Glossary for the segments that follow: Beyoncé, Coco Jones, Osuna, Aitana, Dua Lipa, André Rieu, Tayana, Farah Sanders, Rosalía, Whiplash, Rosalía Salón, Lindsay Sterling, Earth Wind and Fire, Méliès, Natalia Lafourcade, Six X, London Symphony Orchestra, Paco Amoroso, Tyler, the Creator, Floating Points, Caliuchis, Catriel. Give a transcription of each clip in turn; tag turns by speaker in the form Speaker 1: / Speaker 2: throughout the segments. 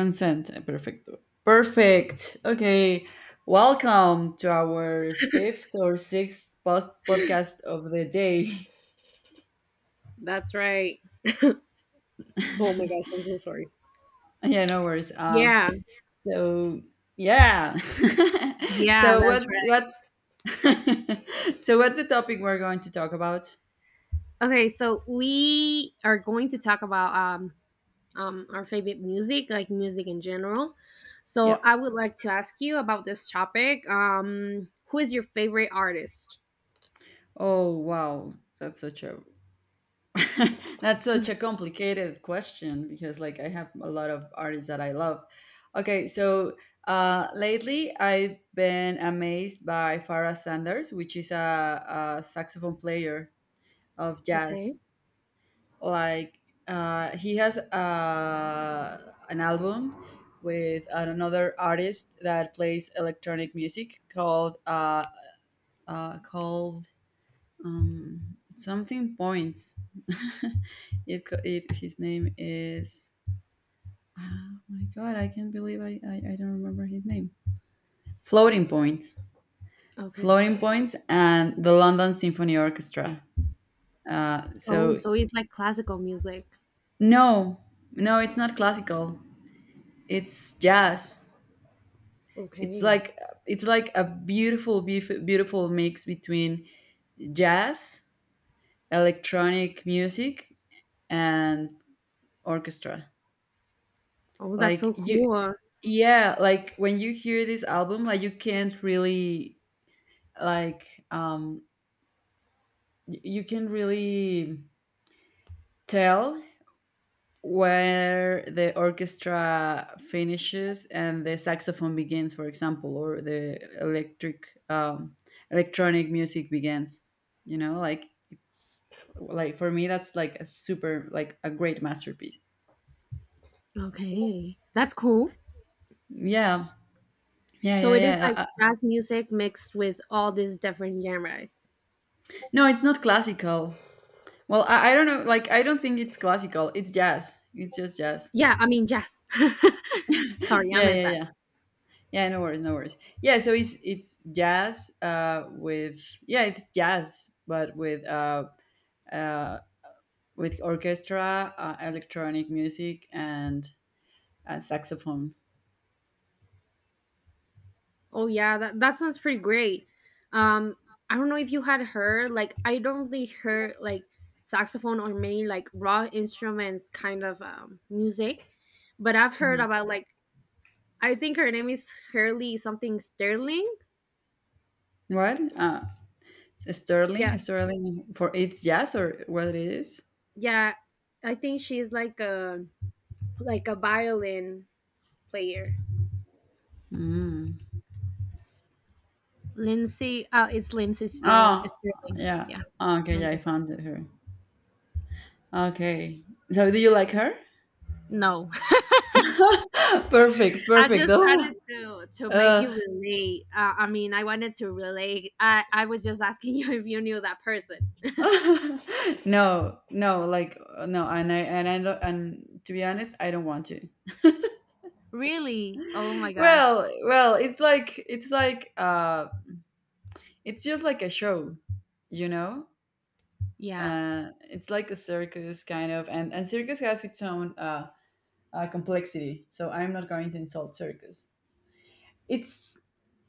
Speaker 1: Consent. Perfecto. Perfect. Okay. Welcome to our fifth or sixth podcast of the day.
Speaker 2: That's right. Oh my gosh, I'm so sorry.
Speaker 1: Yeah, no worries.
Speaker 2: Yeah,
Speaker 1: So yeah.
Speaker 2: yeah,
Speaker 1: so
Speaker 2: that's right.
Speaker 1: what's so what's the topic we're going to talk about?
Speaker 2: Okay, so we are going to talk about our favorite music, like music in general. So
Speaker 1: Yeah.
Speaker 2: I would like to ask you about this topic. Who is your favorite artist?
Speaker 1: Oh wow, that's such a that's such a complicated question because, like, I have a lot of artists that I love. Okay, so lately I've been amazed by Farah Sanders, which is a saxophone player of jazz.
Speaker 2: Okay,
Speaker 1: Like, he has an album with another artist that plays electronic music called called something points. it, co- it his name is, oh my god, I can't believe I don't remember his name. Floating Points.
Speaker 2: okay.
Speaker 1: Floating Points and the London Symphony Orchestra. uh
Speaker 2: Oh,
Speaker 1: so
Speaker 2: so it's like classical music.
Speaker 1: no, no, it's not classical, it's jazz. It's
Speaker 2: Okay.
Speaker 1: like, it's like a beautiful mix between jazz, electronic music, and orchestra.
Speaker 2: Oh, that's
Speaker 1: Like
Speaker 2: so
Speaker 1: you
Speaker 2: cool.
Speaker 1: Yeah, like when you hear this album, like you can't really, like, you can really tell where the orchestra finishes and the saxophone begins, for example, or the electric electronic music begins, you know? Like it's, like for me, that's like a super, like a great masterpiece.
Speaker 2: Okay, that's cool.
Speaker 1: yeah
Speaker 2: So it is like
Speaker 1: yeah.
Speaker 2: jazz music mixed with all these different genres.
Speaker 1: No, it's not classical. Well, I don't know. Like, I don't think it's classical. It's jazz. It's just jazz.
Speaker 2: Yeah, I mean jazz. Sorry, I
Speaker 1: Yeah,
Speaker 2: meant
Speaker 1: yeah,
Speaker 2: that.
Speaker 1: yeah. Yeah, no worries, no worries. Yeah, so it's jazz it's jazz, but uh, with orchestra, electronic music, and saxophone.
Speaker 2: Oh yeah, that sounds pretty great. Um, I don't know if you had heard like I don't really heard like saxophone or many like raw instruments kind of music, but I've heard
Speaker 1: Mhm.
Speaker 2: about like I think her name is Hurley something Sterling.
Speaker 1: What?
Speaker 2: Yeah,
Speaker 1: Sterling, Sterling, for it's jazz or what it is?
Speaker 2: yeah, I think she's like a violin player.
Speaker 1: Mm.
Speaker 2: Lindsay, it's Lindsay Sterling.
Speaker 1: Oh,
Speaker 2: Sterling.
Speaker 1: yeah.
Speaker 2: Yeah,
Speaker 1: Ah, okay,
Speaker 2: no,
Speaker 1: yeah, I
Speaker 2: that's
Speaker 1: found her. Okay. So do you like her?
Speaker 2: right. No.
Speaker 1: Perfect,
Speaker 2: I
Speaker 1: perfect.
Speaker 2: just
Speaker 1: Oh,
Speaker 2: wanted to make
Speaker 1: uh,
Speaker 2: you relate. I mean, I wanted to relate. I was just asking you if you knew that person.
Speaker 1: no, no, like, no, and I don't, and to be honest, I don't want to.
Speaker 2: Really? Oh my gosh.
Speaker 1: Well, well, it's like, it's just like a show, you know.
Speaker 2: Yeah.
Speaker 1: It's like a circus kind of, and circus has its own complexity. So I'm not going to insult circus. It's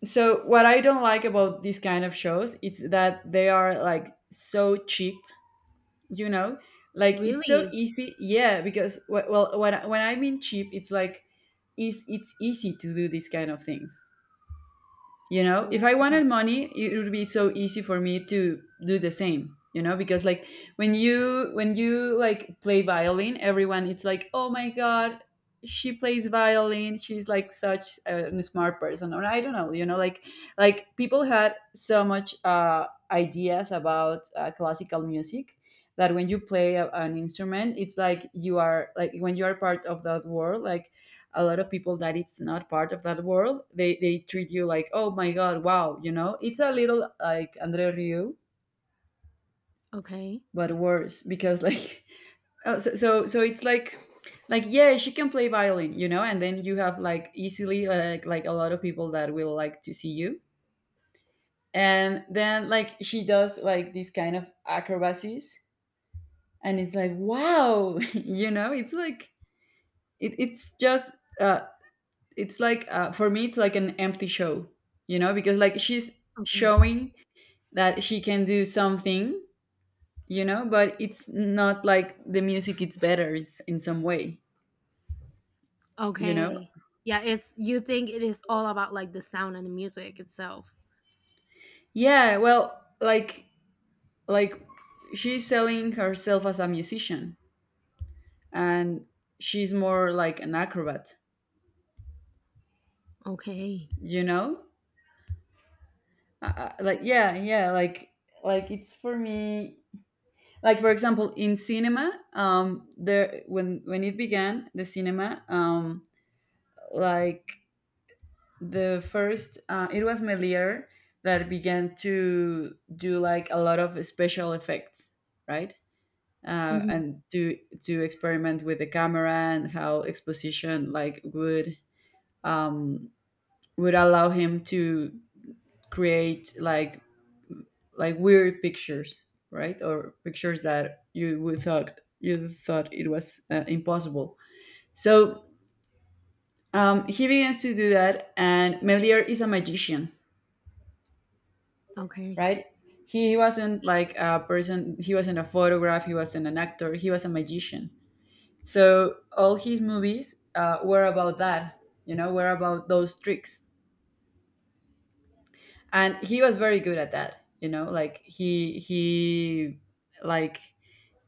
Speaker 1: so What I don't like about these kind of shows, it's that they are like so cheap, you know, like it's so
Speaker 2: Really?
Speaker 1: easy. Yeah, because when when I mean cheap, it's like it's easy to do these kind of things, you know? If I wanted
Speaker 2: Okay.
Speaker 1: money, it would be so easy for me to do the same, you know? Because like when you like play violin, everyone it's like, oh my god, she plays violin, she's like such a smart person, or I don't know, you know? Like people had so much ideas about classical music, that when you play an instrument, it's like you are, like when you are part of that world, like a lot of people that it's not part of that world, they treat you like, oh my god, wow, you know? It's a little like Andre Ryu,
Speaker 2: Okay.
Speaker 1: but worse. Because like oh, so it's like yeah, she can play violin, you know, and then you have like easily, like a lot of people that will like to see you. And then like she does like this kind of acrobacies and it's like, wow, you know, it's like, it's just, uh, it's like, for me it's like an empty show. You know, because like she's
Speaker 2: Okay.
Speaker 1: showing that she can do something, you know, but it's not like the music it's better is in some way, you know?
Speaker 2: Okay. Yeah, it's you think it is all about like the sound and the music itself.
Speaker 1: Yeah, well, like she's selling herself as a musician, and she's more like an acrobat,
Speaker 2: Okay.
Speaker 1: you know? Like yeah, like it's for me, like for example in cinema, there, when it began the cinema, like the first, it was Melier that began to do like a lot of special effects, right?
Speaker 2: Hmm.
Speaker 1: And to experiment with the camera and how exposition like would, um would allow him to create like weird pictures, right? Or pictures that you would thought, you thought it was impossible. So, he begins to do that, and Melier is a magician,
Speaker 2: Okay.
Speaker 1: right? He wasn't like a person. He wasn't a photograph. He wasn't an actor. He was a magician. So all his movies were about that. You know, were about those tricks, and he was very good at that. You know, like he like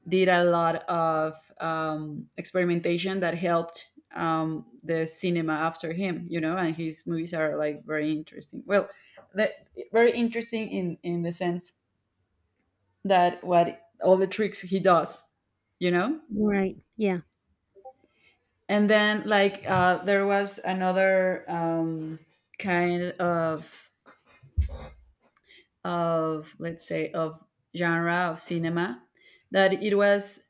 Speaker 1: did a lot of experimentation that helped the cinema after him, you know, and his movies are like very interesting. Well, the, very interesting in the sense that what all the tricks he does, you know?
Speaker 2: Right. Yeah.
Speaker 1: And then like, there was another kind of let's say of genre of cinema that it was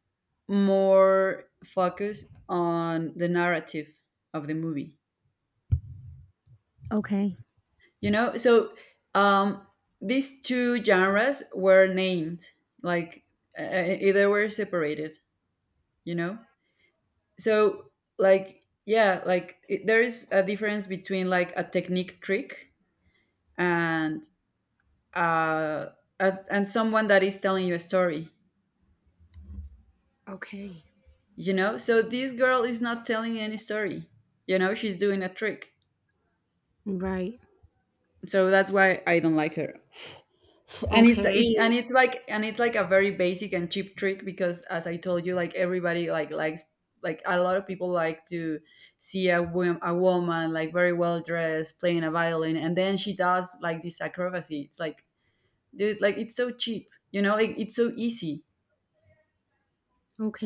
Speaker 1: more focused on the narrative of the movie,
Speaker 2: Okay.
Speaker 1: you know? So um, these two genres were named like, they were separated, you know? So like yeah, like it, there is a difference between like a technique trick and uh and someone that is telling you a story,
Speaker 2: Okay.
Speaker 1: you know? So this girl is not telling any story, you know, she's doing a trick.
Speaker 2: Right.
Speaker 1: So that's why I don't like her. And
Speaker 2: Okay.
Speaker 1: and it's like a very basic and cheap trick, because as I told you, like everybody like likes, like a lot of people like to see a woman like very well dressed playing a violin, and then she does like this acrobacy. It's like, dude, like it's so cheap, you know? Like it's so easy,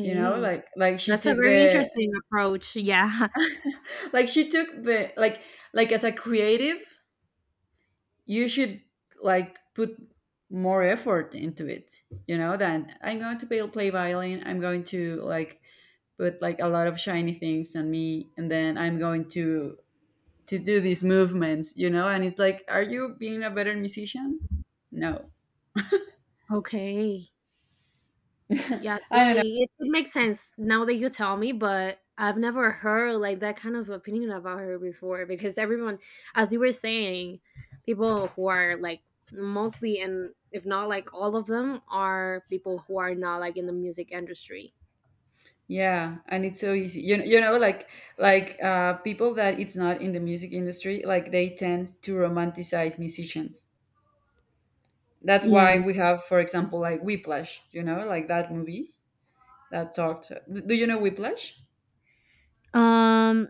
Speaker 1: you know? Like she
Speaker 2: That's a
Speaker 1: took
Speaker 2: very
Speaker 1: the
Speaker 2: interesting approach. Yeah.
Speaker 1: like she took the, like as a creative, you should like put more effort into it, you know, than I'm going to play violin. I'm going to like put like a lot of shiny things on me, and then I'm going to do these movements, you know? And it's like, are you being a better musician? No.
Speaker 2: Okay. Yeah,
Speaker 1: I don't know.
Speaker 2: totally. It makes sense now that you tell me, but I've never heard like that kind of opinion about her before because everyone, as you were saying, people who are like mostly and if not like all of them are people who are not like in the music industry.
Speaker 1: Yeah, and it's so easy, you know, you know? Like people that it's not in the music industry, like they tend to romanticize musicians. That's
Speaker 2: Yeah.
Speaker 1: why we have, for example, like Whiplash, you know, like that movie that talked. Do you know Whiplash?
Speaker 2: Um,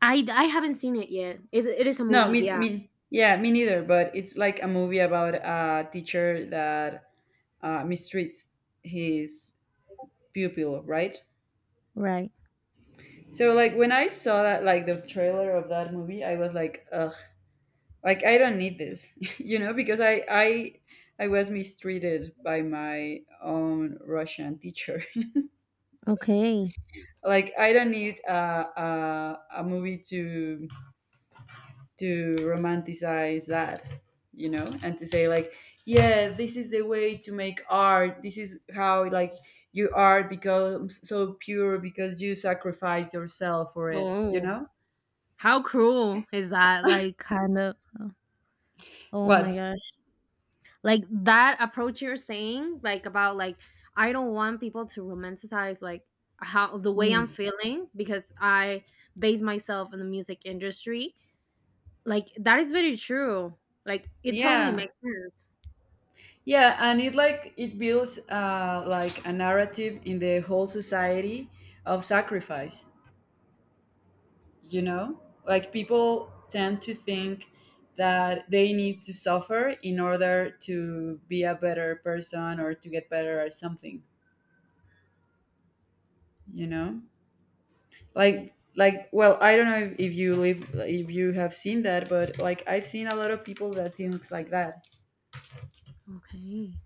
Speaker 2: I haven't seen it yet. It is a
Speaker 1: No,
Speaker 2: movie, yeah.
Speaker 1: yeah, me neither. But it's like a movie about a teacher that mistreats his pupil, right?
Speaker 2: Right.
Speaker 1: So, like when I saw that, like the trailer of that movie, I was like, ugh, like I don't need this, you know, because I was mistreated by my own Russian teacher.
Speaker 2: Okay.
Speaker 1: Like I don't need a movie to romanticize that, you know, and to say like, yeah, this is the way to make art, this is how like your art becomes so pure because you sacrifice yourself for it, you
Speaker 2: Oh,
Speaker 1: know?
Speaker 2: how cruel is that? Like, kind of. Oh my
Speaker 1: What?
Speaker 2: god. Like that approach you're saying like about like I don't want people to romanticize like how the way I'm
Speaker 1: Mm.
Speaker 2: feeling because I base myself in the music industry. Like that is very true, like it totally
Speaker 1: Yeah,
Speaker 2: makes sense.
Speaker 1: yeah, and it like it builds like a narrative in the whole society of sacrifice, you know? Like people tend to think that they need to suffer in order to be a better person or to get better at something, you know? Like, well, I don't know if you live, if you have seen that, but like I've seen a lot of people that thinks like that.
Speaker 2: Okay.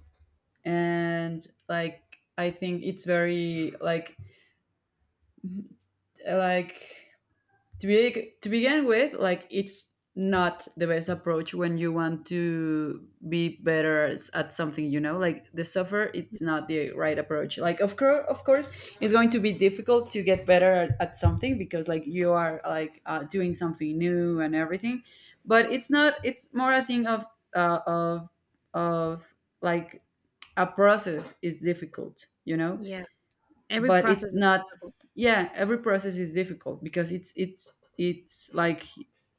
Speaker 1: And like I think it's very like to be, to begin with, like it's not the best approach when you want to be better at something, you know? Like the software, it's not the right approach. Like of course, of course it's going to be difficult to get better at something, because like you are like, doing something new and everything. But it's not, it's more a thing of uh, of of like a process is difficult, you know?
Speaker 2: Yeah, every
Speaker 1: But it's
Speaker 2: process is
Speaker 1: not,
Speaker 2: difficult.
Speaker 1: yeah, every process is difficult because it's like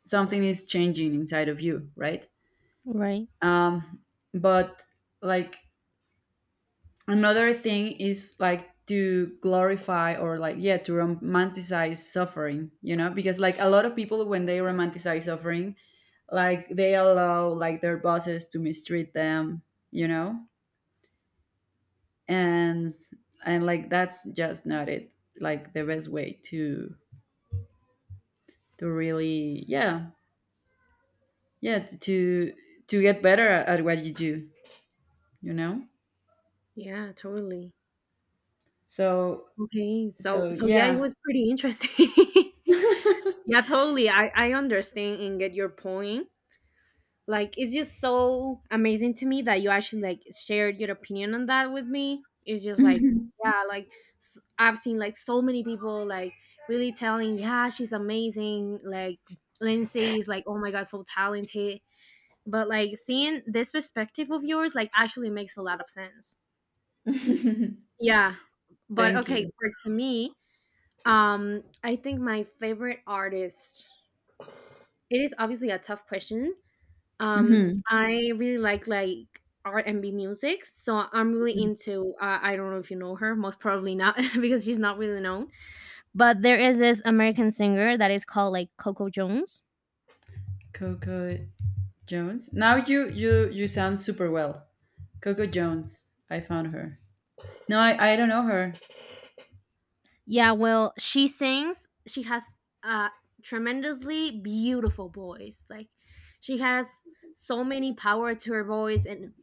Speaker 1: something is changing inside of you, right?
Speaker 2: Right.
Speaker 1: um but like another thing is like to glorify or like, yeah, to romanticize suffering, you know? Because like a lot of people when they romanticize suffering, like they allow like their bosses to mistreat them, you know? and and like that's just not it. Like the best way to really, yeah, yeah, to get better at what you do, you know?
Speaker 2: Yeah, totally.
Speaker 1: So
Speaker 2: Okay, so
Speaker 1: so
Speaker 2: so yeah, it
Speaker 1: yeah.
Speaker 2: was pretty interesting. Yeah, totally. I understand and get your point. Like it's just so amazing to me that you actually like shared your opinion on that with me. It's just like, yeah, like I've seen like so many people like really telling, yeah, she's amazing, like Lindsay is like, oh my god, so talented, but like seeing this perspective of yours like actually makes a lot of sense. Yeah. But
Speaker 1: Thank
Speaker 2: okay,
Speaker 1: you.
Speaker 2: for to me, I think my favorite artist, it is obviously a tough question. um
Speaker 1: Mhm.
Speaker 2: i really like R&B music, so I'm really into, I don't know if you know her, most probably not. Because she's not really known, but there is this American singer that is called like Coco Jones.
Speaker 1: Coco Jones, now you sound super well. Coco Jones. I found her. No, I don't know her.
Speaker 2: Yeah, well, she sings. She has a tremendously beautiful voice. Like she has so many power to her voice, and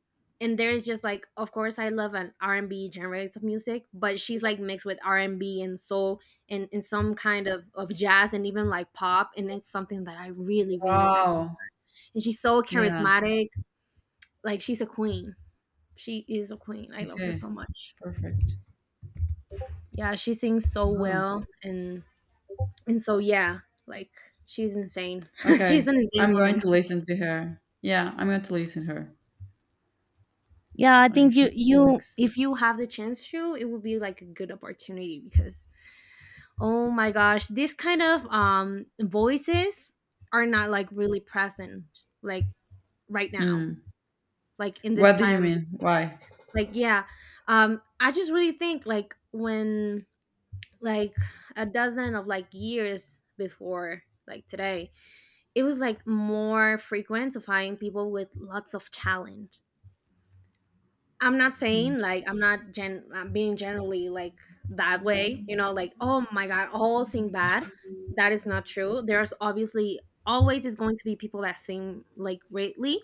Speaker 2: and there's just like, of course, I love an R&B genres of music, but she's like mixed with R&B and B and soul, and some kind of jazz and even like pop, and it's something that I really really like.
Speaker 1: Wow.
Speaker 2: And she's so
Speaker 1: Yeah.
Speaker 2: charismatic. Like she's a queen. She is a queen. I love her
Speaker 1: Okay,
Speaker 2: so much.
Speaker 1: perfect.
Speaker 2: Yeah, she sings so
Speaker 1: Oh,
Speaker 2: well And so yeah, like she's insane. She's
Speaker 1: okay,
Speaker 2: an insane
Speaker 1: I'm going
Speaker 2: woman.
Speaker 1: to listen to her. Yeah, I'm going to listen to her.
Speaker 2: Yeah, I
Speaker 1: Like
Speaker 2: think you
Speaker 1: she
Speaker 2: you
Speaker 1: looks,
Speaker 2: if you have the chance to, it would be like a good opportunity, because oh my gosh, these kind of voices are not like really present like right now.
Speaker 1: mm.
Speaker 2: Like in this
Speaker 1: What do you
Speaker 2: time.
Speaker 1: mean? Why?
Speaker 2: Like yeah. I just really think like when like a dozen of like years before like today, it was like more frequent to find people with lots of talent. I'm not saying like I'm not gen I'm being generally like that way, like oh my god, all sing bad. That is not true. There's obviously always is going to be people that sing like greatly,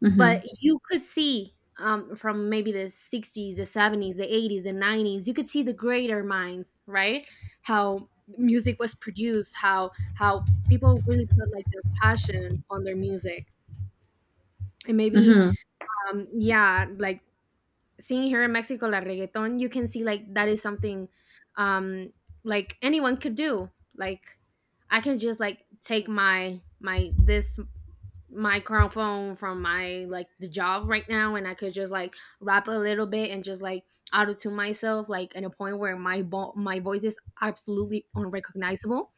Speaker 1: Hmm.
Speaker 2: but you could see from maybe the 60s, the 70s, the 80s, the 90s, you could see the greater minds, right? How music was produced, how people really put like their passion on their music, and maybe yeah, like seeing here in Mexico la reggaeton, you can see like that is something, um like anyone could do, like I can just like take my this microphone from my like the job right now, and I could just like rap a little bit and just like auto tune myself like in a point where my my voice is absolutely unrecognizable,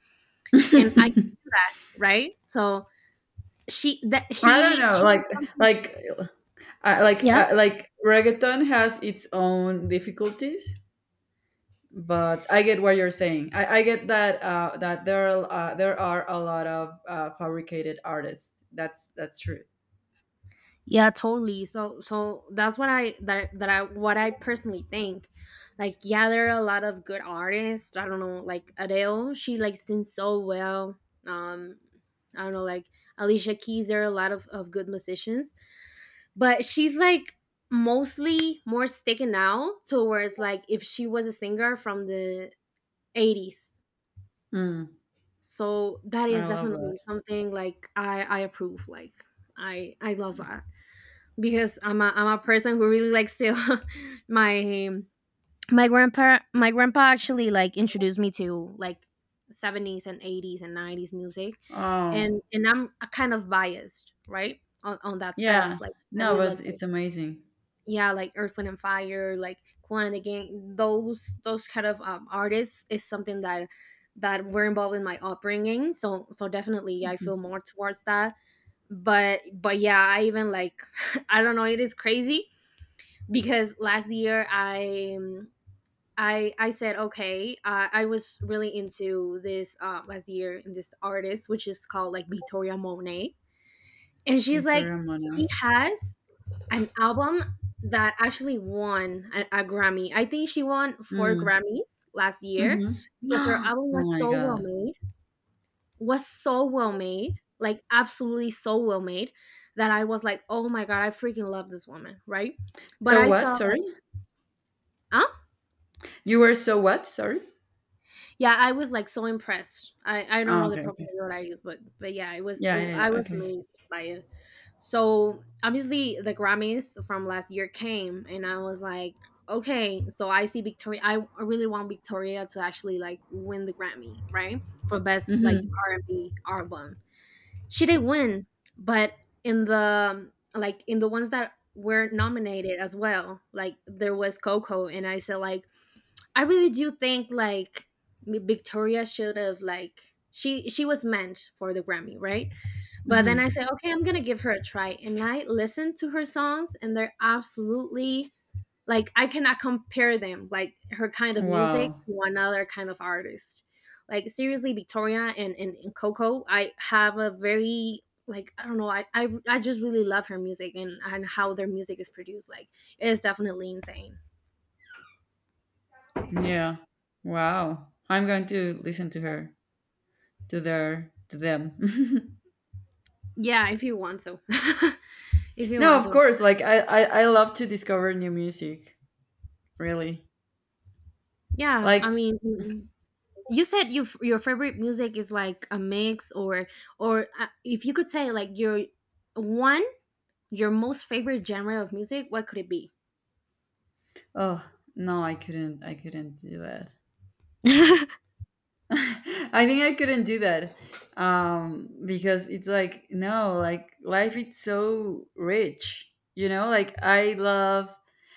Speaker 2: and I can do that, right? So she that
Speaker 1: I don't know.
Speaker 2: she did something.
Speaker 1: Like, I like,
Speaker 2: Yeah.
Speaker 1: I like, reggaeton has its own difficulties, but I get what you're saying. I get that that there are a lot of fabricated artists. That's true.
Speaker 2: Yeah, totally. So that's what I that that I what I personally think. Like yeah, there are a lot of good artists. I don't know, like Adele, she like sings so well. Um I don't know, like Alicia Keys, there are a lot of good musicians. But she's like mostly more sticking out towards like if she was a singer from the 80s.
Speaker 1: Mm,
Speaker 2: So that
Speaker 1: I
Speaker 2: is
Speaker 1: love that.
Speaker 2: definitely something like I approve. Like I love that because I'm a person who really likes to my my grandpa actually like introduced me to like 70s and 80s and 90s music,
Speaker 1: Oh,
Speaker 2: and I'm a kind of biased, right, on that
Speaker 1: yeah.
Speaker 2: sense, like I
Speaker 1: No,
Speaker 2: really like
Speaker 1: but
Speaker 2: like,
Speaker 1: it's amazing.
Speaker 2: yeah, like Earth Wind and Fire, like Quan again, those kind of artists is something that were involved in my upbringing, so definitely I
Speaker 1: Mhm.
Speaker 2: feel more towards that, but yeah, I even like I don't know, it is crazy because last year, I said okay, I was really into this, last year in this artist which is called like Victoria Monet, and she's like,
Speaker 1: Victoria Mono.
Speaker 2: she has an album that actually won a Grammy. I think she won four
Speaker 1: Mm,
Speaker 2: Grammys last year
Speaker 1: mm-hmm.
Speaker 2: because her album
Speaker 1: Oh
Speaker 2: was
Speaker 1: my
Speaker 2: so well
Speaker 1: God.
Speaker 2: made was so well made like absolutely so well made, that I was like, oh my god, I freaking love this woman, right? But
Speaker 1: So
Speaker 2: I saw
Speaker 1: what? Sorry,
Speaker 2: like,
Speaker 1: you were so what? Sorry.
Speaker 2: yeah, I was like so impressed. I don't
Speaker 1: Oh,
Speaker 2: know the proper
Speaker 1: okay.
Speaker 2: word I use, but yeah, it was
Speaker 1: Yeah,
Speaker 2: it
Speaker 1: yeah,
Speaker 2: I
Speaker 1: yeah.
Speaker 2: was
Speaker 1: Okay.
Speaker 2: amazed by it. So, obviously, the Grammys from last year came, and I was like, "Okay, so I see Victoria, I really want Victoria to actually, like, win the Grammy, right? For best, like,
Speaker 1: Mm-hmm.
Speaker 2: R&B album." She didn't win, but in the ones that were nominated as well, like, there was Coco, and I said, like, I really do think like Victoria should have, like, she was meant for the Grammy, right? But then
Speaker 1: Mm-hmm.
Speaker 2: I said, okay, I'm gonna give her a try, and I listened to her songs, and they're absolutely, like, I cannot compare them, like, her kind of music
Speaker 1: Wow.
Speaker 2: to another kind of artist. Like seriously, Victoria and Coco, I have a very, like, I don't know, I just really love her music, and how their music is produced. Like it is definitely insane.
Speaker 1: Yeah. Wow. I'm going to listen to her, to their, to them.
Speaker 2: Yeah, if you want to. If you
Speaker 1: No,
Speaker 2: want
Speaker 1: of
Speaker 2: to.
Speaker 1: course. Like I love to discover new music. Really.
Speaker 2: Yeah, I
Speaker 1: Like,
Speaker 2: mean, you said your favorite music is like a mix, or if you could say like one your most favorite genre of music, what could it be?
Speaker 1: oh no, I couldn't do that. I think I couldn't do that because it's like no, like life is so rich, you know. Like I love,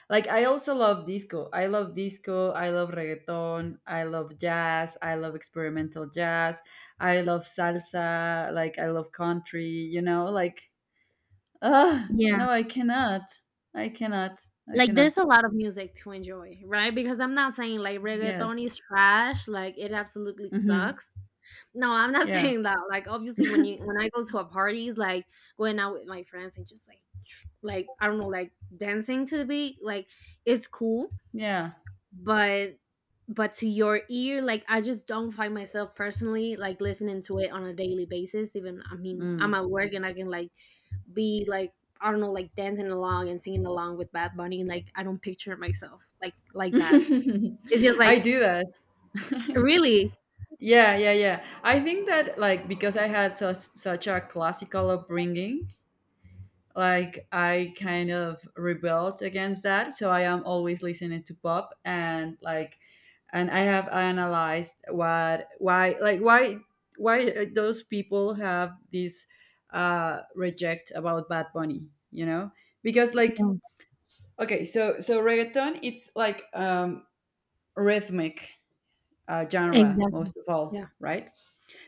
Speaker 1: like I also love disco. I love disco. I love reggaeton. I love jazz. I love experimental jazz. I love salsa. Like I love country. You know, like ah,
Speaker 2: Yeah,
Speaker 1: no, I cannot. I cannot. I
Speaker 2: like
Speaker 1: cannot.
Speaker 2: there's a lot of music to enjoy, right? Because I'm not saying like reggaeton
Speaker 1: Yes.
Speaker 2: is trash, like it absolutely
Speaker 1: hmm
Speaker 2: sucks. No, I'm not
Speaker 1: Yeah.
Speaker 2: saying that. Like obviously, when I go to a parties, like going out with my friends and just like like I don't know, like dancing to the beat, like it's cool.
Speaker 1: Yeah.
Speaker 2: but but to your ear, like I just don't find myself personally like listening to it on a daily basis. Even, I mean, I'm
Speaker 1: Mm.
Speaker 2: at work and I can like be like I don't know, like dancing along and singing along with Bad Bunny, like I don't picture myself like that. It's just like,
Speaker 1: I do that.
Speaker 2: really.
Speaker 1: Yeah. I think that, like, because I had such a classical upbringing, like I kind of rebelled against that. So I am always listening to pop, and like, and I have analyzed what, why like why those people have this reject about Bad Bunny, you know, because like
Speaker 2: Yeah,
Speaker 1: okay, so reggaeton, it's like rhythmic genre
Speaker 2: exactly.
Speaker 1: most of all,
Speaker 2: Yeah,
Speaker 1: right?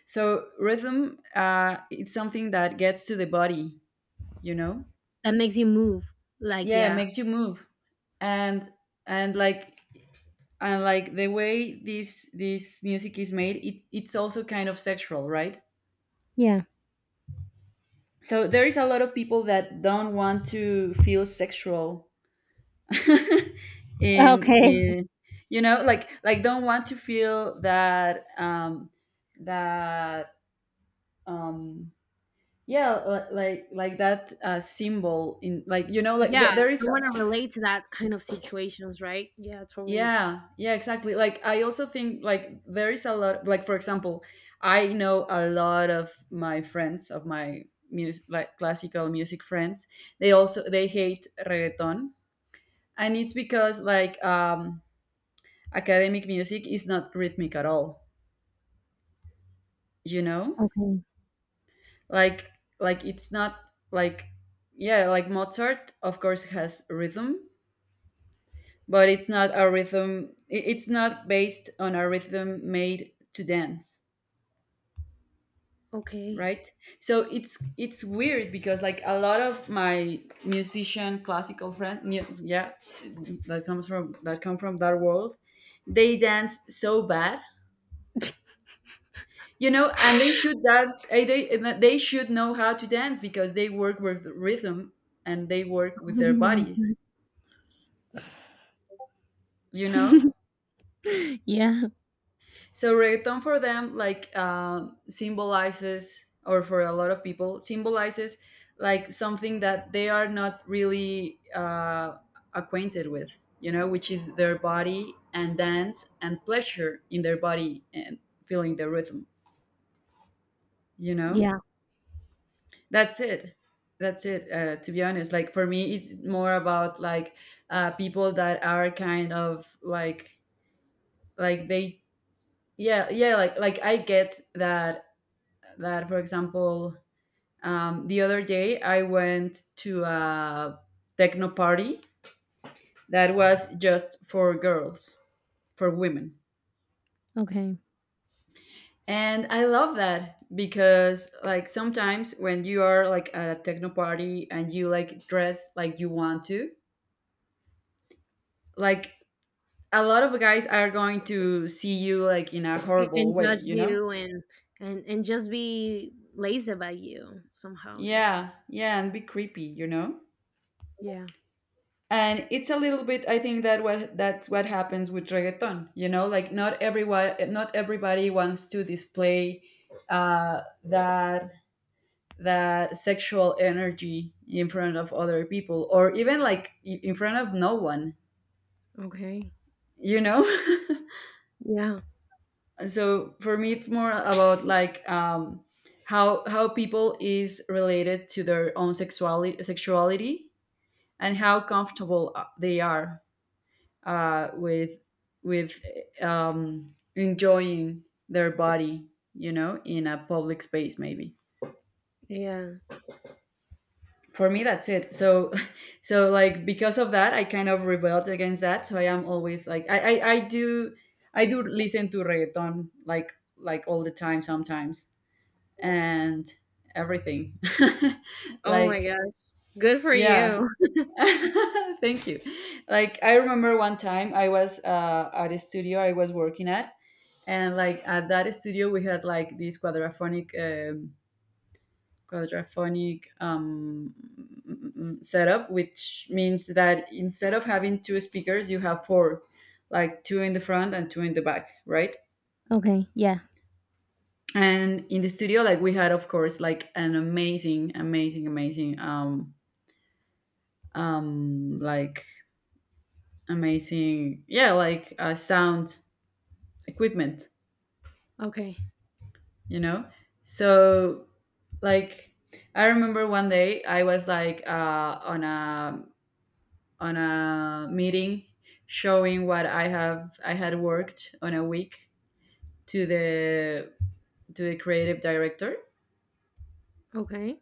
Speaker 1: So rhythm, it's something that gets to the body, you know.
Speaker 2: that makes you move, like
Speaker 1: Yeah, it
Speaker 2: yeah.
Speaker 1: makes you move, and and like and like the way this music is made, it's also kind of sexual, right?
Speaker 2: Yeah.
Speaker 1: So there is a lot of people that don't want to feel sexual,
Speaker 2: Okay.
Speaker 1: in you know, like don't want to feel that that um yeah, like that symbol in, like, you know, like
Speaker 2: Yeah,
Speaker 1: there
Speaker 2: I
Speaker 1: is
Speaker 2: want to relate to that kind of situations, right? Yeah, totally.
Speaker 1: yeah exactly. Like I also think like there is a lot, like for example, I know a lot of my friends of my music, like classical music friends, they also they hate reggaeton. And it's because, like, academic music is not rhythmic at all, you know,
Speaker 2: Okay.
Speaker 1: like like it's not, like yeah, like Mozart of course has rhythm, but it's not a rhythm, it's not based on a rhythm made to dance,
Speaker 2: Okay.
Speaker 1: right? So it's weird because like a lot of my musician classical yeah, that comes from that come from that world, they dance so bad, you know, and they should dance, they, and that they should know how to dance because they work with rhythm and they work with
Speaker 2: Oh
Speaker 1: their
Speaker 2: my
Speaker 1: bodies,
Speaker 2: God.
Speaker 1: you know.
Speaker 2: Yeah.
Speaker 1: So reggaeton for them like symbolizes, or for a lot of people, symbolizes like something that they are not really acquainted with, you know, which is their body and dance and pleasure in their body and feeling the rhythm, you know.
Speaker 2: Yeah.
Speaker 1: That's it. That's it. To be honest, like for me, it's more about like people that are kind of like they yeah, like I get that, that for example the other day I went to a techno party that was just for girls, for women.
Speaker 2: Okay.
Speaker 1: And I love that because like sometimes when you are like at a techno party and you like dress like you want to like, a lot of guys are going to see you like in a horrible
Speaker 2: And
Speaker 1: way,
Speaker 2: judge
Speaker 1: you know.
Speaker 2: you and just be lazy about you somehow, yeah.
Speaker 1: Yeah, and be creepy, you know.
Speaker 2: Yeah,
Speaker 1: And it's a little bit, I think that, what that's what happens with reggaeton, you know, like not everyone, not everybody wants to display that sexual energy in front of other people or even like in front of no one,
Speaker 2: okay.
Speaker 1: you know.
Speaker 2: Yeah,
Speaker 1: So for me it's more about like how people is related to their own sexuality, and how comfortable they are uh, with with enjoying their body, you know, in a public space maybe.
Speaker 2: yeah.
Speaker 1: For me, that's it. So, so like because of that, I kind of rebelled against that. So I am always like I do, I do listen to reggaeton like all the time sometimes, and everything,
Speaker 2: Oh my
Speaker 1: like
Speaker 2: god. Good for
Speaker 1: yeah.
Speaker 2: you
Speaker 1: Thank you. Like I remember one time I was at a studio I was working at, and like at that studio we had like this quadraphonic quadraphonic um, setup, which means that instead of having two speakers, you have four, like two in the front and two in the back, right?
Speaker 2: Okay. Yeah.
Speaker 1: And in the studio like we had, of course, like an amazing um like yeah, like sound equipment,
Speaker 2: okay
Speaker 1: you know. So like I remember one day I was like on a meeting showing what I had worked on a week to the to the creative director.
Speaker 2: okay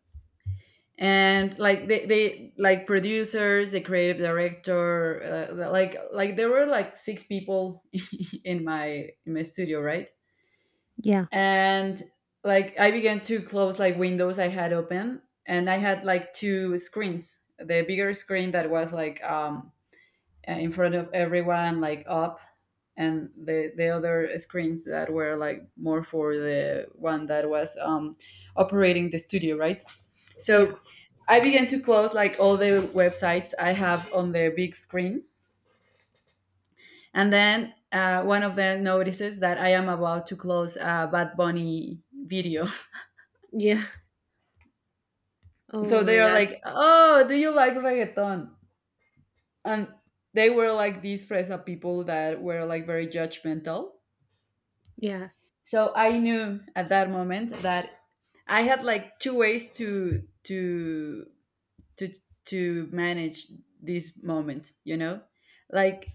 Speaker 1: And like they, like producers, the creative director, like there were like six people in my studio, right?
Speaker 2: Yeah.
Speaker 1: And like I began to close like windows I had open, and I had like two screens. The bigger screen that was like in front of everyone, like up, and the other screens that were like more for the one that was operating the studio, right?
Speaker 2: yeah
Speaker 1: So I began to close like all the websites I have on the big screen, and then one of them notices that I am about to close a Bad Bunny video.
Speaker 2: yeah oh
Speaker 1: So they
Speaker 2: my
Speaker 1: are
Speaker 2: god
Speaker 1: like, oh, do you like reggaeton? And they were like these Fresa people that were like very judgmental.
Speaker 2: yeah,
Speaker 1: So I knew at that moment that I had like two ways to to manage this moment, you know? Like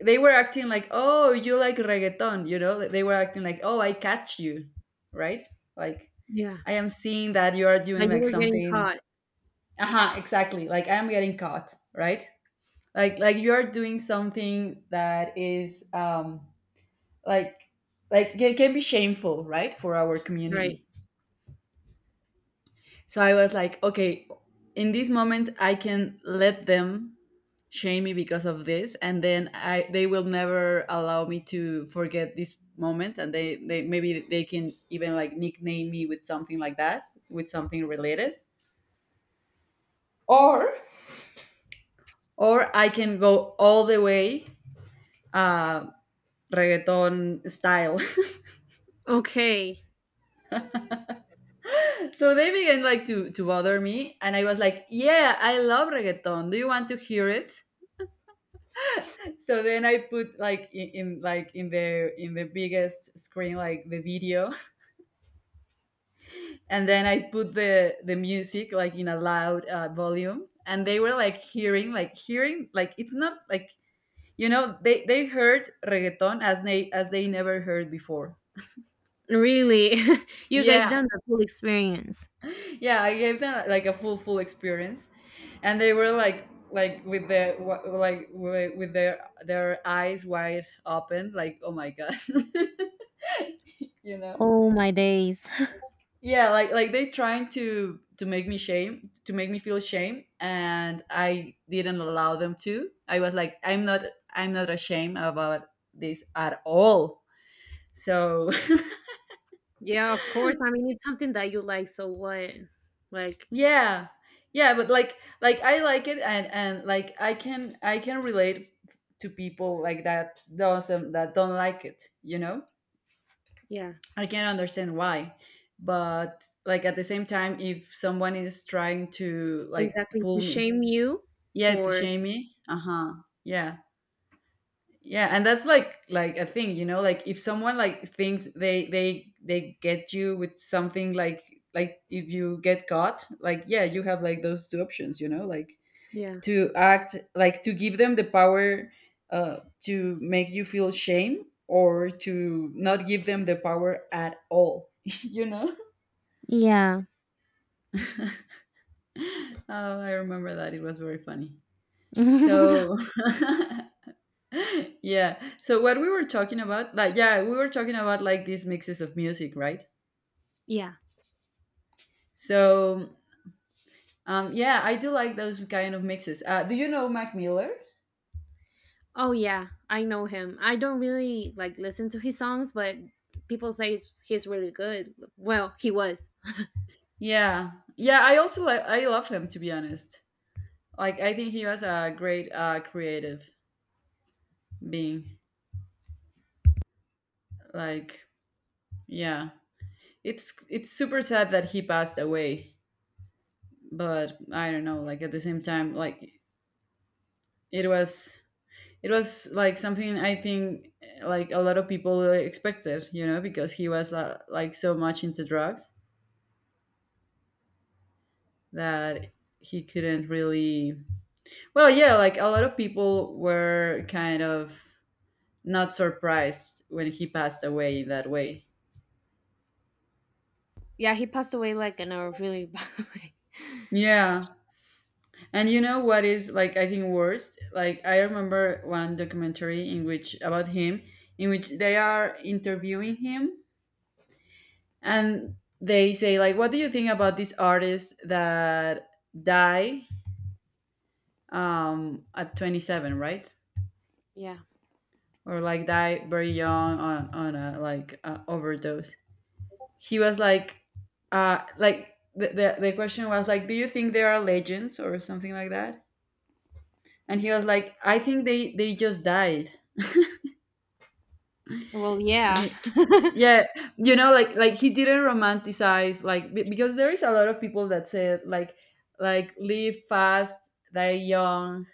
Speaker 1: they were acting like, "Oh, you like reggaeton," you know? They were acting like, "Oh, I catch you." Right? Like
Speaker 2: yeah.
Speaker 1: I am seeing that you are doing
Speaker 2: But you
Speaker 1: like
Speaker 2: were getting
Speaker 1: something.
Speaker 2: caught,
Speaker 1: Aha, exactly. Like I am getting caught, right? Like you're doing something that is like like it can be shameful, right, for our
Speaker 2: right?
Speaker 1: community. So I was like okay, in this moment I can let them shame me because of this, and then I they will never allow me to forget this moment, and they maybe they can even like nickname me with something like that, with something related, or or I can go all the way uh reggaeton style.
Speaker 2: Okay.
Speaker 1: So they began like to bother me, and I was like yeah, I love reggaeton, do you want to hear it? So then I put like in the biggest screen like the video. And then I put the music like in a loud volume, and they were like hearing like hearing like, it's not like, you know, they heard reggaeton as they, as they never heard before.
Speaker 2: Really? You gave
Speaker 1: Yeah,
Speaker 2: them the full experience.
Speaker 1: yeah, I gave them like a full experience. And they were like with their with their eyes wide open, like oh my god. You know,
Speaker 2: Oh my days.
Speaker 1: yeah, like they trying to make me shame, to make me feel shame, and I didn't allow them to. I was like, I'm not, I'm not ashamed about this at all, so.
Speaker 2: Yeah, of course. I mean, it's something that you like, so what, like
Speaker 1: Yeah. Yeah, but like I like it, and like I can, I can relate to people like that doesn't that don't like it, you know?
Speaker 2: yeah.
Speaker 1: I can understand why. But like at the same time, if someone is trying to like
Speaker 2: Exactly.
Speaker 1: pull
Speaker 2: To
Speaker 1: me,
Speaker 2: shame you
Speaker 1: yeah, to
Speaker 2: for,
Speaker 1: shame me, uh-huh. Yeah. Yeah, and that's like a thing, you know, like if someone like thinks they get you with something, like if you get caught, like yeah, you have like those two options, you know, like
Speaker 2: yeah.
Speaker 1: to act, like to give them the power uh, to make you feel shame, or to not give them the power at all. You know.
Speaker 2: Yeah.
Speaker 1: Oh, I remember that, it was very funny. So yeah, so what we were talking about, like yeah, we were talking about like these mixes of music, right?
Speaker 2: Yeah.
Speaker 1: So yeah, I do like those kind of mixes. Do you know Mac Miller?
Speaker 2: Oh yeah, I know him. I don't really like listen to his songs, but people say he's really good. Well, he was.
Speaker 1: Yeah, yeah, I also like, I love him, to be honest. Like I think he was a great creative being. Like yeah, it's super sad that he passed away, but I don't know. Like at the same time, like it was, it was like something I think like a lot of people expected, you know, because he was like so much into drugs that he couldn't really, well yeah, like a lot of people were kind of not surprised when he passed away that way.
Speaker 2: Yeah, he passed away like in a really bad way.
Speaker 1: Yeah. And you know what is like I think worst? Like I remember one documentary in which about him, in which they are interviewing him, and they say like what do you think about this artist that die at 27, right?
Speaker 2: Yeah.
Speaker 1: Or like die very young on a like a overdose. He was like the question was like, do you think they are legends or something like that? And he was like, I think they just died.
Speaker 2: Well, yeah.
Speaker 1: He Yeah, you know, like he didn't romanticize, like because there is a lot of people that said like live fast, die young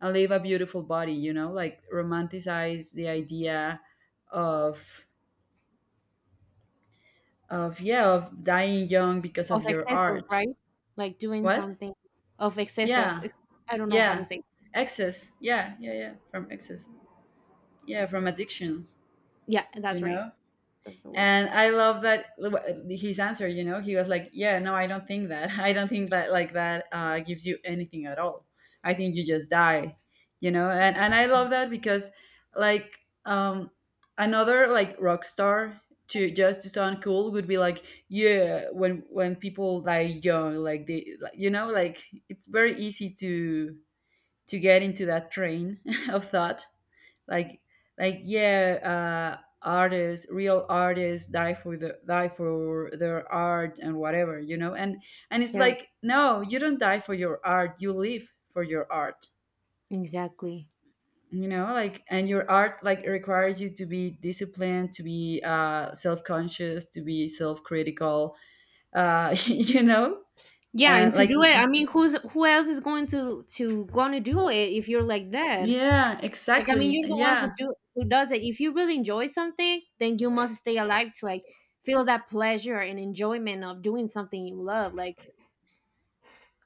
Speaker 1: and live a beautiful body, you know, like romanticize the idea of of yeah, of dying young because of
Speaker 2: Of
Speaker 1: your
Speaker 2: excessos,
Speaker 1: art.
Speaker 2: right? Like doing
Speaker 1: What
Speaker 2: something of excessos.
Speaker 1: Yeah.
Speaker 2: It's, I don't know how to
Speaker 1: Yeah,
Speaker 2: say.
Speaker 1: excess, yeah, yeah, yeah, from excess, yeah, from addictions,
Speaker 2: Yeah,
Speaker 1: you
Speaker 2: that's right.
Speaker 1: know.
Speaker 2: That's the word.
Speaker 1: And I love that, his answer, you know. He was like, yeah, no, I don't think that. I don't think that like that gives you anything at all. I think you just die, you know. And I love that because like another like rock star, to just to sound cool, would be like, yeah, when people die young, like they like, you know, like it's very easy to get into that train of thought. like like, yeah, artists, real artists die for the die for their art and whatever, you know. And it's
Speaker 2: Yeah.
Speaker 1: like, no, you don't die for your art, you live for your art,
Speaker 2: Exactly.
Speaker 1: you know. Like, and your art like requires you to be disciplined, to be self-conscious, to be self-critical. You know.
Speaker 2: Yeah, and
Speaker 1: And
Speaker 2: to
Speaker 1: like
Speaker 2: do it, I mean, who else is going to do it if you're like that?
Speaker 1: yeah,
Speaker 2: Like, I mean,
Speaker 1: exactly,
Speaker 2: you're the one
Speaker 1: yeah.
Speaker 2: who does it. If you really enjoy something, then you must stay alive to like feel that pleasure and enjoyment of doing something you love. Like,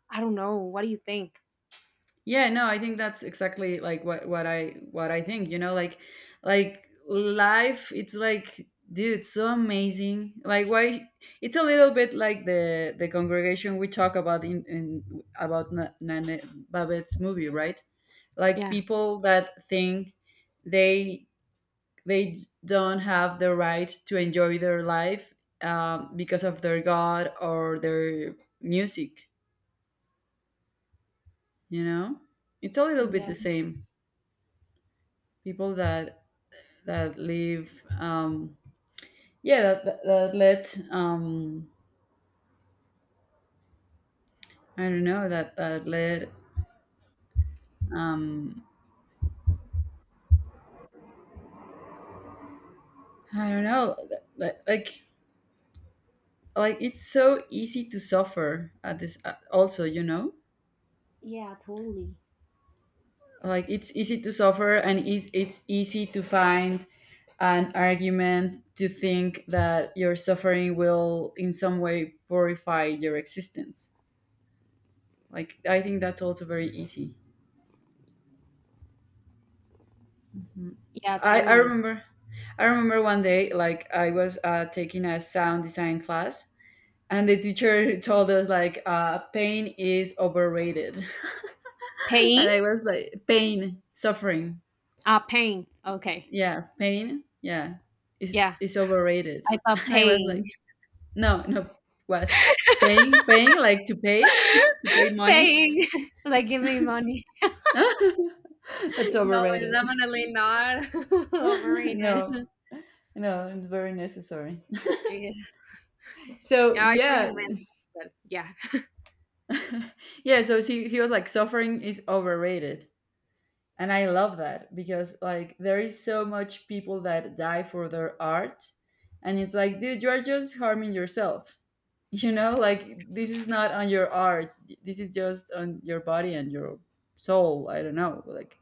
Speaker 2: I don't know, what do you think?
Speaker 1: Yeah, no, I think that's exactly like what I think, you know. Like life, it's like, dude, it's so amazing. Like why, it's a little bit like the congregation we talk about in about Nana Babette's movie, right? Like
Speaker 2: Yeah,
Speaker 1: people that think they they don't have the right to enjoy their life, because of their god or their music, you know? It's a little bit
Speaker 2: yeah,
Speaker 1: the same. People that live yeah, that let I don't know, that let um I don't know, like it's so easy to suffer at this also, you know.
Speaker 2: yeah, totally.
Speaker 1: Like it's easy to suffer and it's easy to find an argument to think that your suffering will in some way purify your existence. Like, I think that's also very easy.
Speaker 2: Yeah,
Speaker 1: I, I
Speaker 2: totally.
Speaker 1: remember I remember one day, like I was taking a sound design class, and the teacher told us like, pain is overrated. and
Speaker 2: Paying?
Speaker 1: I was like, pain? Suffering?
Speaker 2: Ah, paying. Okay.
Speaker 1: Yeah, pain, yeah, is
Speaker 2: Yeah,
Speaker 1: is overrated.
Speaker 2: I thought
Speaker 1: and I was like,
Speaker 2: paying,
Speaker 1: no, what? Paying? Like to pay, to pay money.
Speaker 2: paying, like giving money.
Speaker 1: that's
Speaker 2: No, it's
Speaker 1: overrated.
Speaker 2: definitely not overrated.
Speaker 1: no no, it's very necessary.
Speaker 2: Yeah.
Speaker 1: so
Speaker 2: Yeah, I thought you
Speaker 1: yeah.
Speaker 2: meant that. But yeah.
Speaker 1: yeah, so he was like, suffering is overrated. And I love that because like there is so much people that die for their art. And it's like, dude, you are just harming yourself. You know, like this is not on your art. This is just on your body and your soul. I don't know. Like,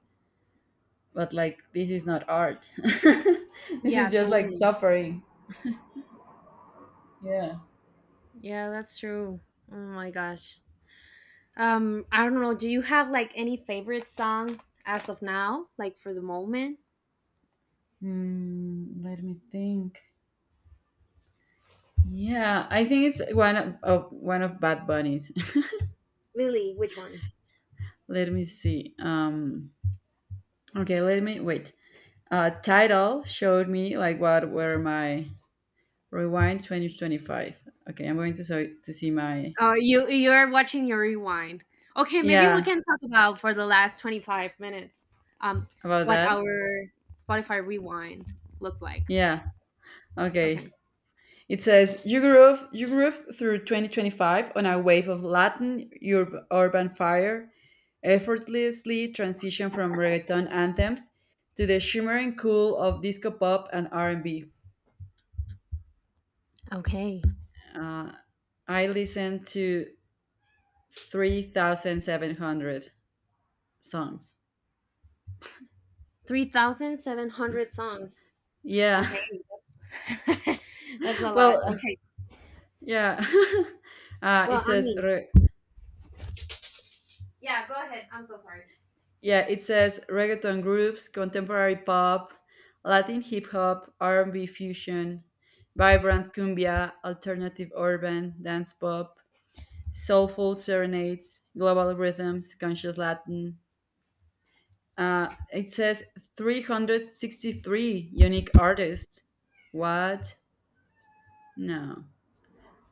Speaker 1: but like this is not art. this
Speaker 2: Yeah,
Speaker 1: is just like
Speaker 2: totally.
Speaker 1: suffering. Yeah.
Speaker 2: Yeah, that's true. Oh my gosh. I don't know. Do you have like any favorite song as of now, like for the moment?
Speaker 1: Hmm, let me think. Yeah, I think it's one of one of Bad Bunny's.
Speaker 2: Really, which one?
Speaker 1: Let me see. Okay, let me wait. Title showed me like what were my rewind 2025. Okay, I'm going to so to see my
Speaker 2: Oh, you're watching your rewind. Okay, maybe
Speaker 1: yeah
Speaker 2: we can talk about for the last 25 minutes. Um,
Speaker 1: about
Speaker 2: what our
Speaker 1: that.
Speaker 2: Spotify rewind looks like.
Speaker 1: Yeah.
Speaker 2: Okay.
Speaker 1: Okay. It says, you grew, you grew through 2025 on a wave of Latin urban fire, effortlessly transition from reggaeton anthems to the shimmering cool of disco pop and R&B.
Speaker 2: Okay.
Speaker 1: Uh, I listened to 3,700 songs.
Speaker 2: 3,700 songs.
Speaker 1: Yeah.
Speaker 2: Okay, that's that's a lot.
Speaker 1: Well,
Speaker 2: Okay.
Speaker 1: yeah.
Speaker 2: Well,
Speaker 1: It
Speaker 2: I
Speaker 1: says,
Speaker 2: mean, yeah, go ahead. I'm so sorry.
Speaker 1: yeah, it says reggaeton groups, contemporary pop, Latin hip hop, R&B fusion, vibrant cumbia, alternative urban, dance pop, soulful serenades, global rhythms, conscious Latin. It says 363 unique artists. What? No.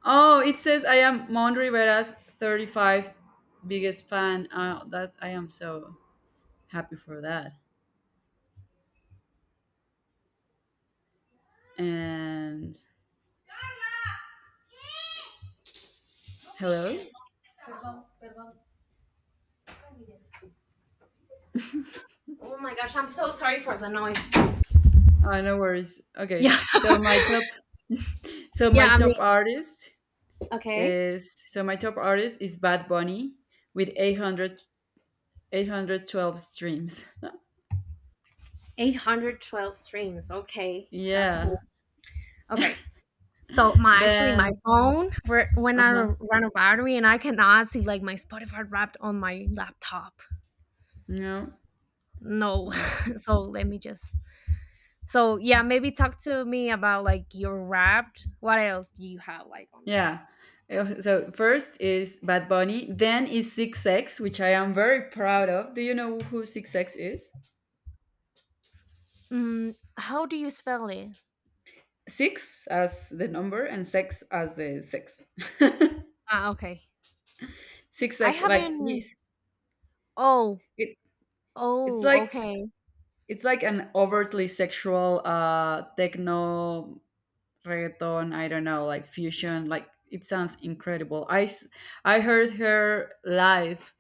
Speaker 1: Oh, it says I am Mon Rivera's 35 biggest fan. That I am so happy for that. And hello.
Speaker 2: Perdón, perdón. Oh my gosh, I'm so sorry for the noise.
Speaker 1: Oh, no worries. Okay.
Speaker 2: Yeah,
Speaker 1: So
Speaker 2: yeah,
Speaker 1: my
Speaker 2: I mean,
Speaker 1: top artist
Speaker 2: okay.
Speaker 1: so my top artist is Bad Bunny with 800 812 streams.
Speaker 2: 812 streams. Okay, that's
Speaker 1: Yeah.
Speaker 2: cool. Okay. So my Actually, my
Speaker 1: Then
Speaker 2: phone when I
Speaker 1: uh-huh.
Speaker 2: run a battery and I cannot see like my Spotify wrapped on my laptop.
Speaker 1: No.
Speaker 2: No.
Speaker 1: Well,
Speaker 2: so let me just so, yeah, maybe talk to me about like your wrapped. What else do you have like on there?
Speaker 1: yeah. So first is Bad Bunny, then is Six X, which I am very proud of. Do you know who Six X is?
Speaker 2: Mm, how do you spell it?
Speaker 1: Six as the number and sex as the sex.
Speaker 2: Ah, okay.
Speaker 1: Six
Speaker 2: I
Speaker 1: X, like
Speaker 2: haven't
Speaker 1: he's
Speaker 2: Oh,
Speaker 1: it, it's
Speaker 2: oh,
Speaker 1: like,
Speaker 2: okay.
Speaker 1: it's like an overtly sexual techno reggaeton, I don't know, like fusion. Like it sounds incredible. I heard her live.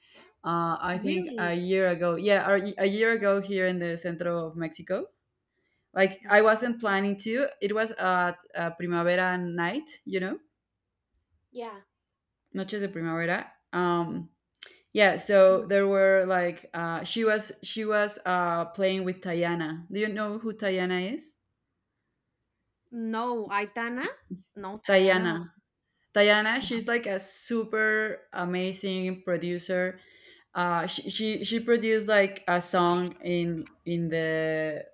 Speaker 1: I think a
Speaker 2: Really?
Speaker 1: year ago, yeah, a year ago here in the centro of Mexico. Like I
Speaker 2: Okay.
Speaker 1: wasn't planning to. It was at primavera night, you know,
Speaker 2: Yeah.
Speaker 1: noches de primavera. Yeah, so there were like she was playing with Tayana. Do you know who Tayana is?
Speaker 2: No, Aitana? No, Tayana.
Speaker 1: Tayana Diana, she's like a super amazing producer. She produced like a song in the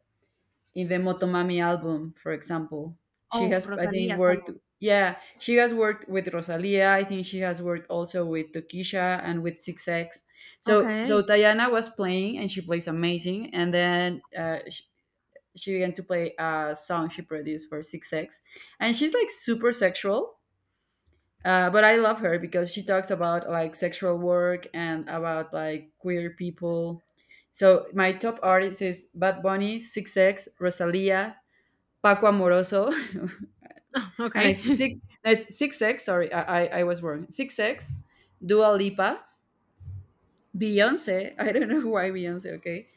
Speaker 1: Motomami album, for example. She
Speaker 2: Oh,
Speaker 1: has, I
Speaker 2: Rosalía
Speaker 1: think, worked.
Speaker 2: Salón.
Speaker 1: Yeah, she has worked with Rosalia. I think she has worked also with Tokisha and with Six X. So so
Speaker 2: Okay,
Speaker 1: Diana was playing, and she plays amazing. And then she began to play a song she produced for Six X, and she's like super sexual, but I love her because she talks about like sexual work and about like queer people. So my top artist is Bad Bunny, Six X, Rosalia, Paco Amoroso, and
Speaker 2: okay.
Speaker 1: it's six. No, it's Six X. Sorry, I was wrong. Six X, Dua Lipa, Beyonce. I don't know why Beyonce. Okay,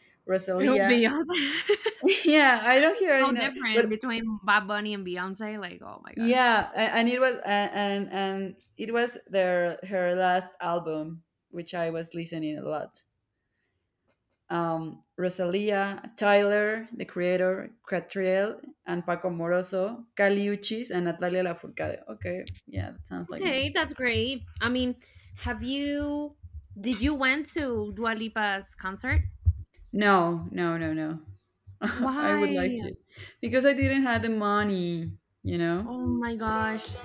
Speaker 2: Oh,
Speaker 1: Rosalia.
Speaker 2: Beyonce.
Speaker 1: yeah, I don't hear. You
Speaker 2: So
Speaker 1: know,
Speaker 2: different
Speaker 1: but
Speaker 2: between Bad Bunny and Beyonce. Like, oh my gosh.
Speaker 1: yeah, and it was and it was their her last album, which I was listening a lot. Rosalia, Tyler, the Creator, Catriel, and Paco Moroso, Caliuchis, and Natalia Lafourcade. Okay, yeah, that sounds like me.
Speaker 2: Okay, that's great. I mean, have you? Did you went to Dua Lipa's concert?
Speaker 1: No, no, no, no. I would like
Speaker 2: Why?
Speaker 1: to, because I didn't have the money, you know?
Speaker 2: Oh my gosh.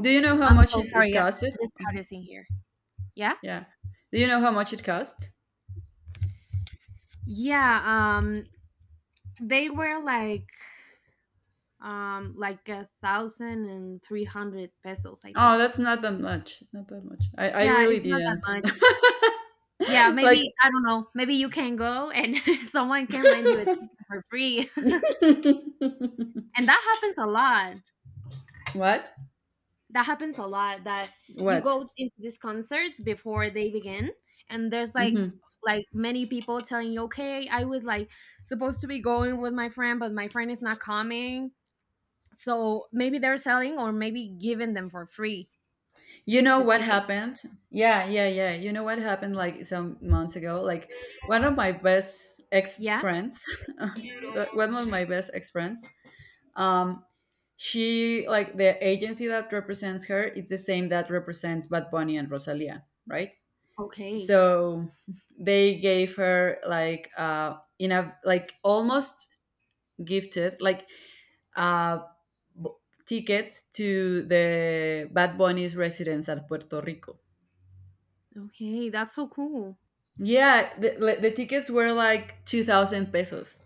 Speaker 1: Do you know how
Speaker 2: I'm
Speaker 1: much
Speaker 2: so
Speaker 1: it
Speaker 2: sorry. Yeah,
Speaker 1: costed?
Speaker 2: this cat is in here. Yeah.
Speaker 1: Yeah. Do you know how much it cost?
Speaker 2: Yeah. Um, they were like 1,300 pesos, I
Speaker 1: Oh,
Speaker 2: think.
Speaker 1: that's not that much. Not that much. I
Speaker 2: Yeah,
Speaker 1: really
Speaker 2: it's not that
Speaker 1: didn't.
Speaker 2: much. Yeah,
Speaker 1: like,
Speaker 2: maybe, I don't know, maybe you can go and someone can lend you a ticket for free. And that happens a lot.
Speaker 1: what?
Speaker 2: That happens a lot that you
Speaker 1: What?
Speaker 2: go into these concerts before they begin, and there's like
Speaker 1: Hmm.
Speaker 2: like many people telling you, okay, I was like supposed to be going with my friend, but my friend is not coming, so maybe they're selling or maybe giving them for free
Speaker 1: You know
Speaker 2: the
Speaker 1: what
Speaker 2: ticket.
Speaker 1: happened? Yeah, yeah, yeah. You know what happened like some months ago? Like one of my best ex
Speaker 2: Yeah.
Speaker 1: friends, one of my best ex friends, um, she, like the agency that represents her, it's the same that represents Bad Bunny and Rosalia, right?
Speaker 2: Okay.
Speaker 1: So they gave her like in a like almost gifted like uh b- tickets to the Bad Bunny's residence at Puerto Rico.
Speaker 2: Okay, that's so cool.
Speaker 1: Yeah, the, like, the tickets were like 2000 pesos.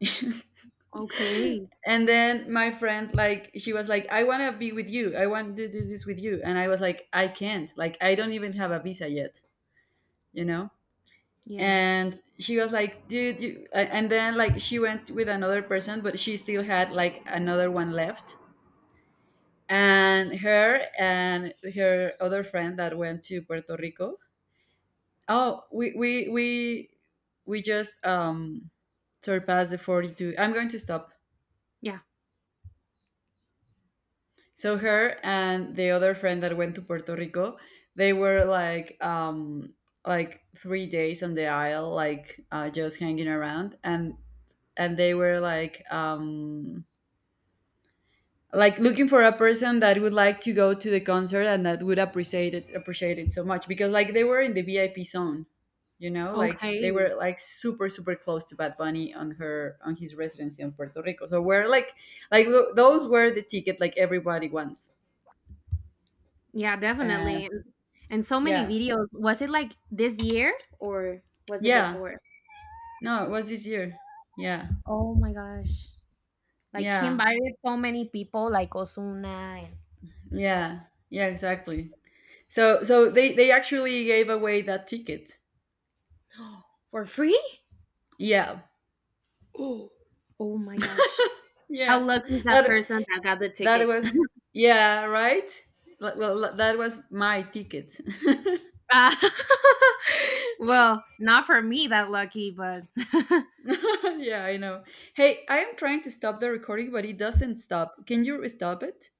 Speaker 2: Okay.
Speaker 1: and then my friend, like she was like, I want to be with you. I want to do this with you. And I was like, I can't. Like, I don't even have a visa yet, you know?
Speaker 2: Yeah.
Speaker 1: And she was like, dude, you and then like she went with another person but she still had like another one left. And her other friend that went to Puerto Rico. Oh, we just surpassed the 42. I'm going to stop.
Speaker 2: Yeah.
Speaker 1: So her and the other friend that went to Puerto Rico, they were like 3 days on the isle like, just hanging around. And they were like looking for a person that would like to go to the concert and that would appreciate it, so much, because like they were in the VIP zone, you know, like they
Speaker 2: Okay.
Speaker 1: were like super super close to Bad Bunny on her on his residency in Puerto Rico. So we're like those were the ticket like everybody wants.
Speaker 2: Yeah,
Speaker 1: And
Speaker 2: definitely. And so many
Speaker 1: yeah.
Speaker 2: videos. Was it like this year or was it
Speaker 1: Yeah.
Speaker 2: before?
Speaker 1: No, it was this year. Yeah.
Speaker 2: Oh my gosh. Like he
Speaker 1: Yeah.
Speaker 2: invited so many people like Osuna and
Speaker 1: Yeah. Yeah, exactly. So so they actually gave away that ticket.
Speaker 2: for free?
Speaker 1: Yeah.
Speaker 2: Oh. Oh my gosh. How
Speaker 1: Yeah.
Speaker 2: lucky is that
Speaker 1: That,
Speaker 2: person that got the
Speaker 1: that
Speaker 2: ticket?
Speaker 1: was, yeah, right? Well, that was my ticket.
Speaker 2: Ah, well, not for me that lucky, but
Speaker 1: yeah, I know. Hey, I am trying to stop the recording, but it doesn't stop. Can you stop it?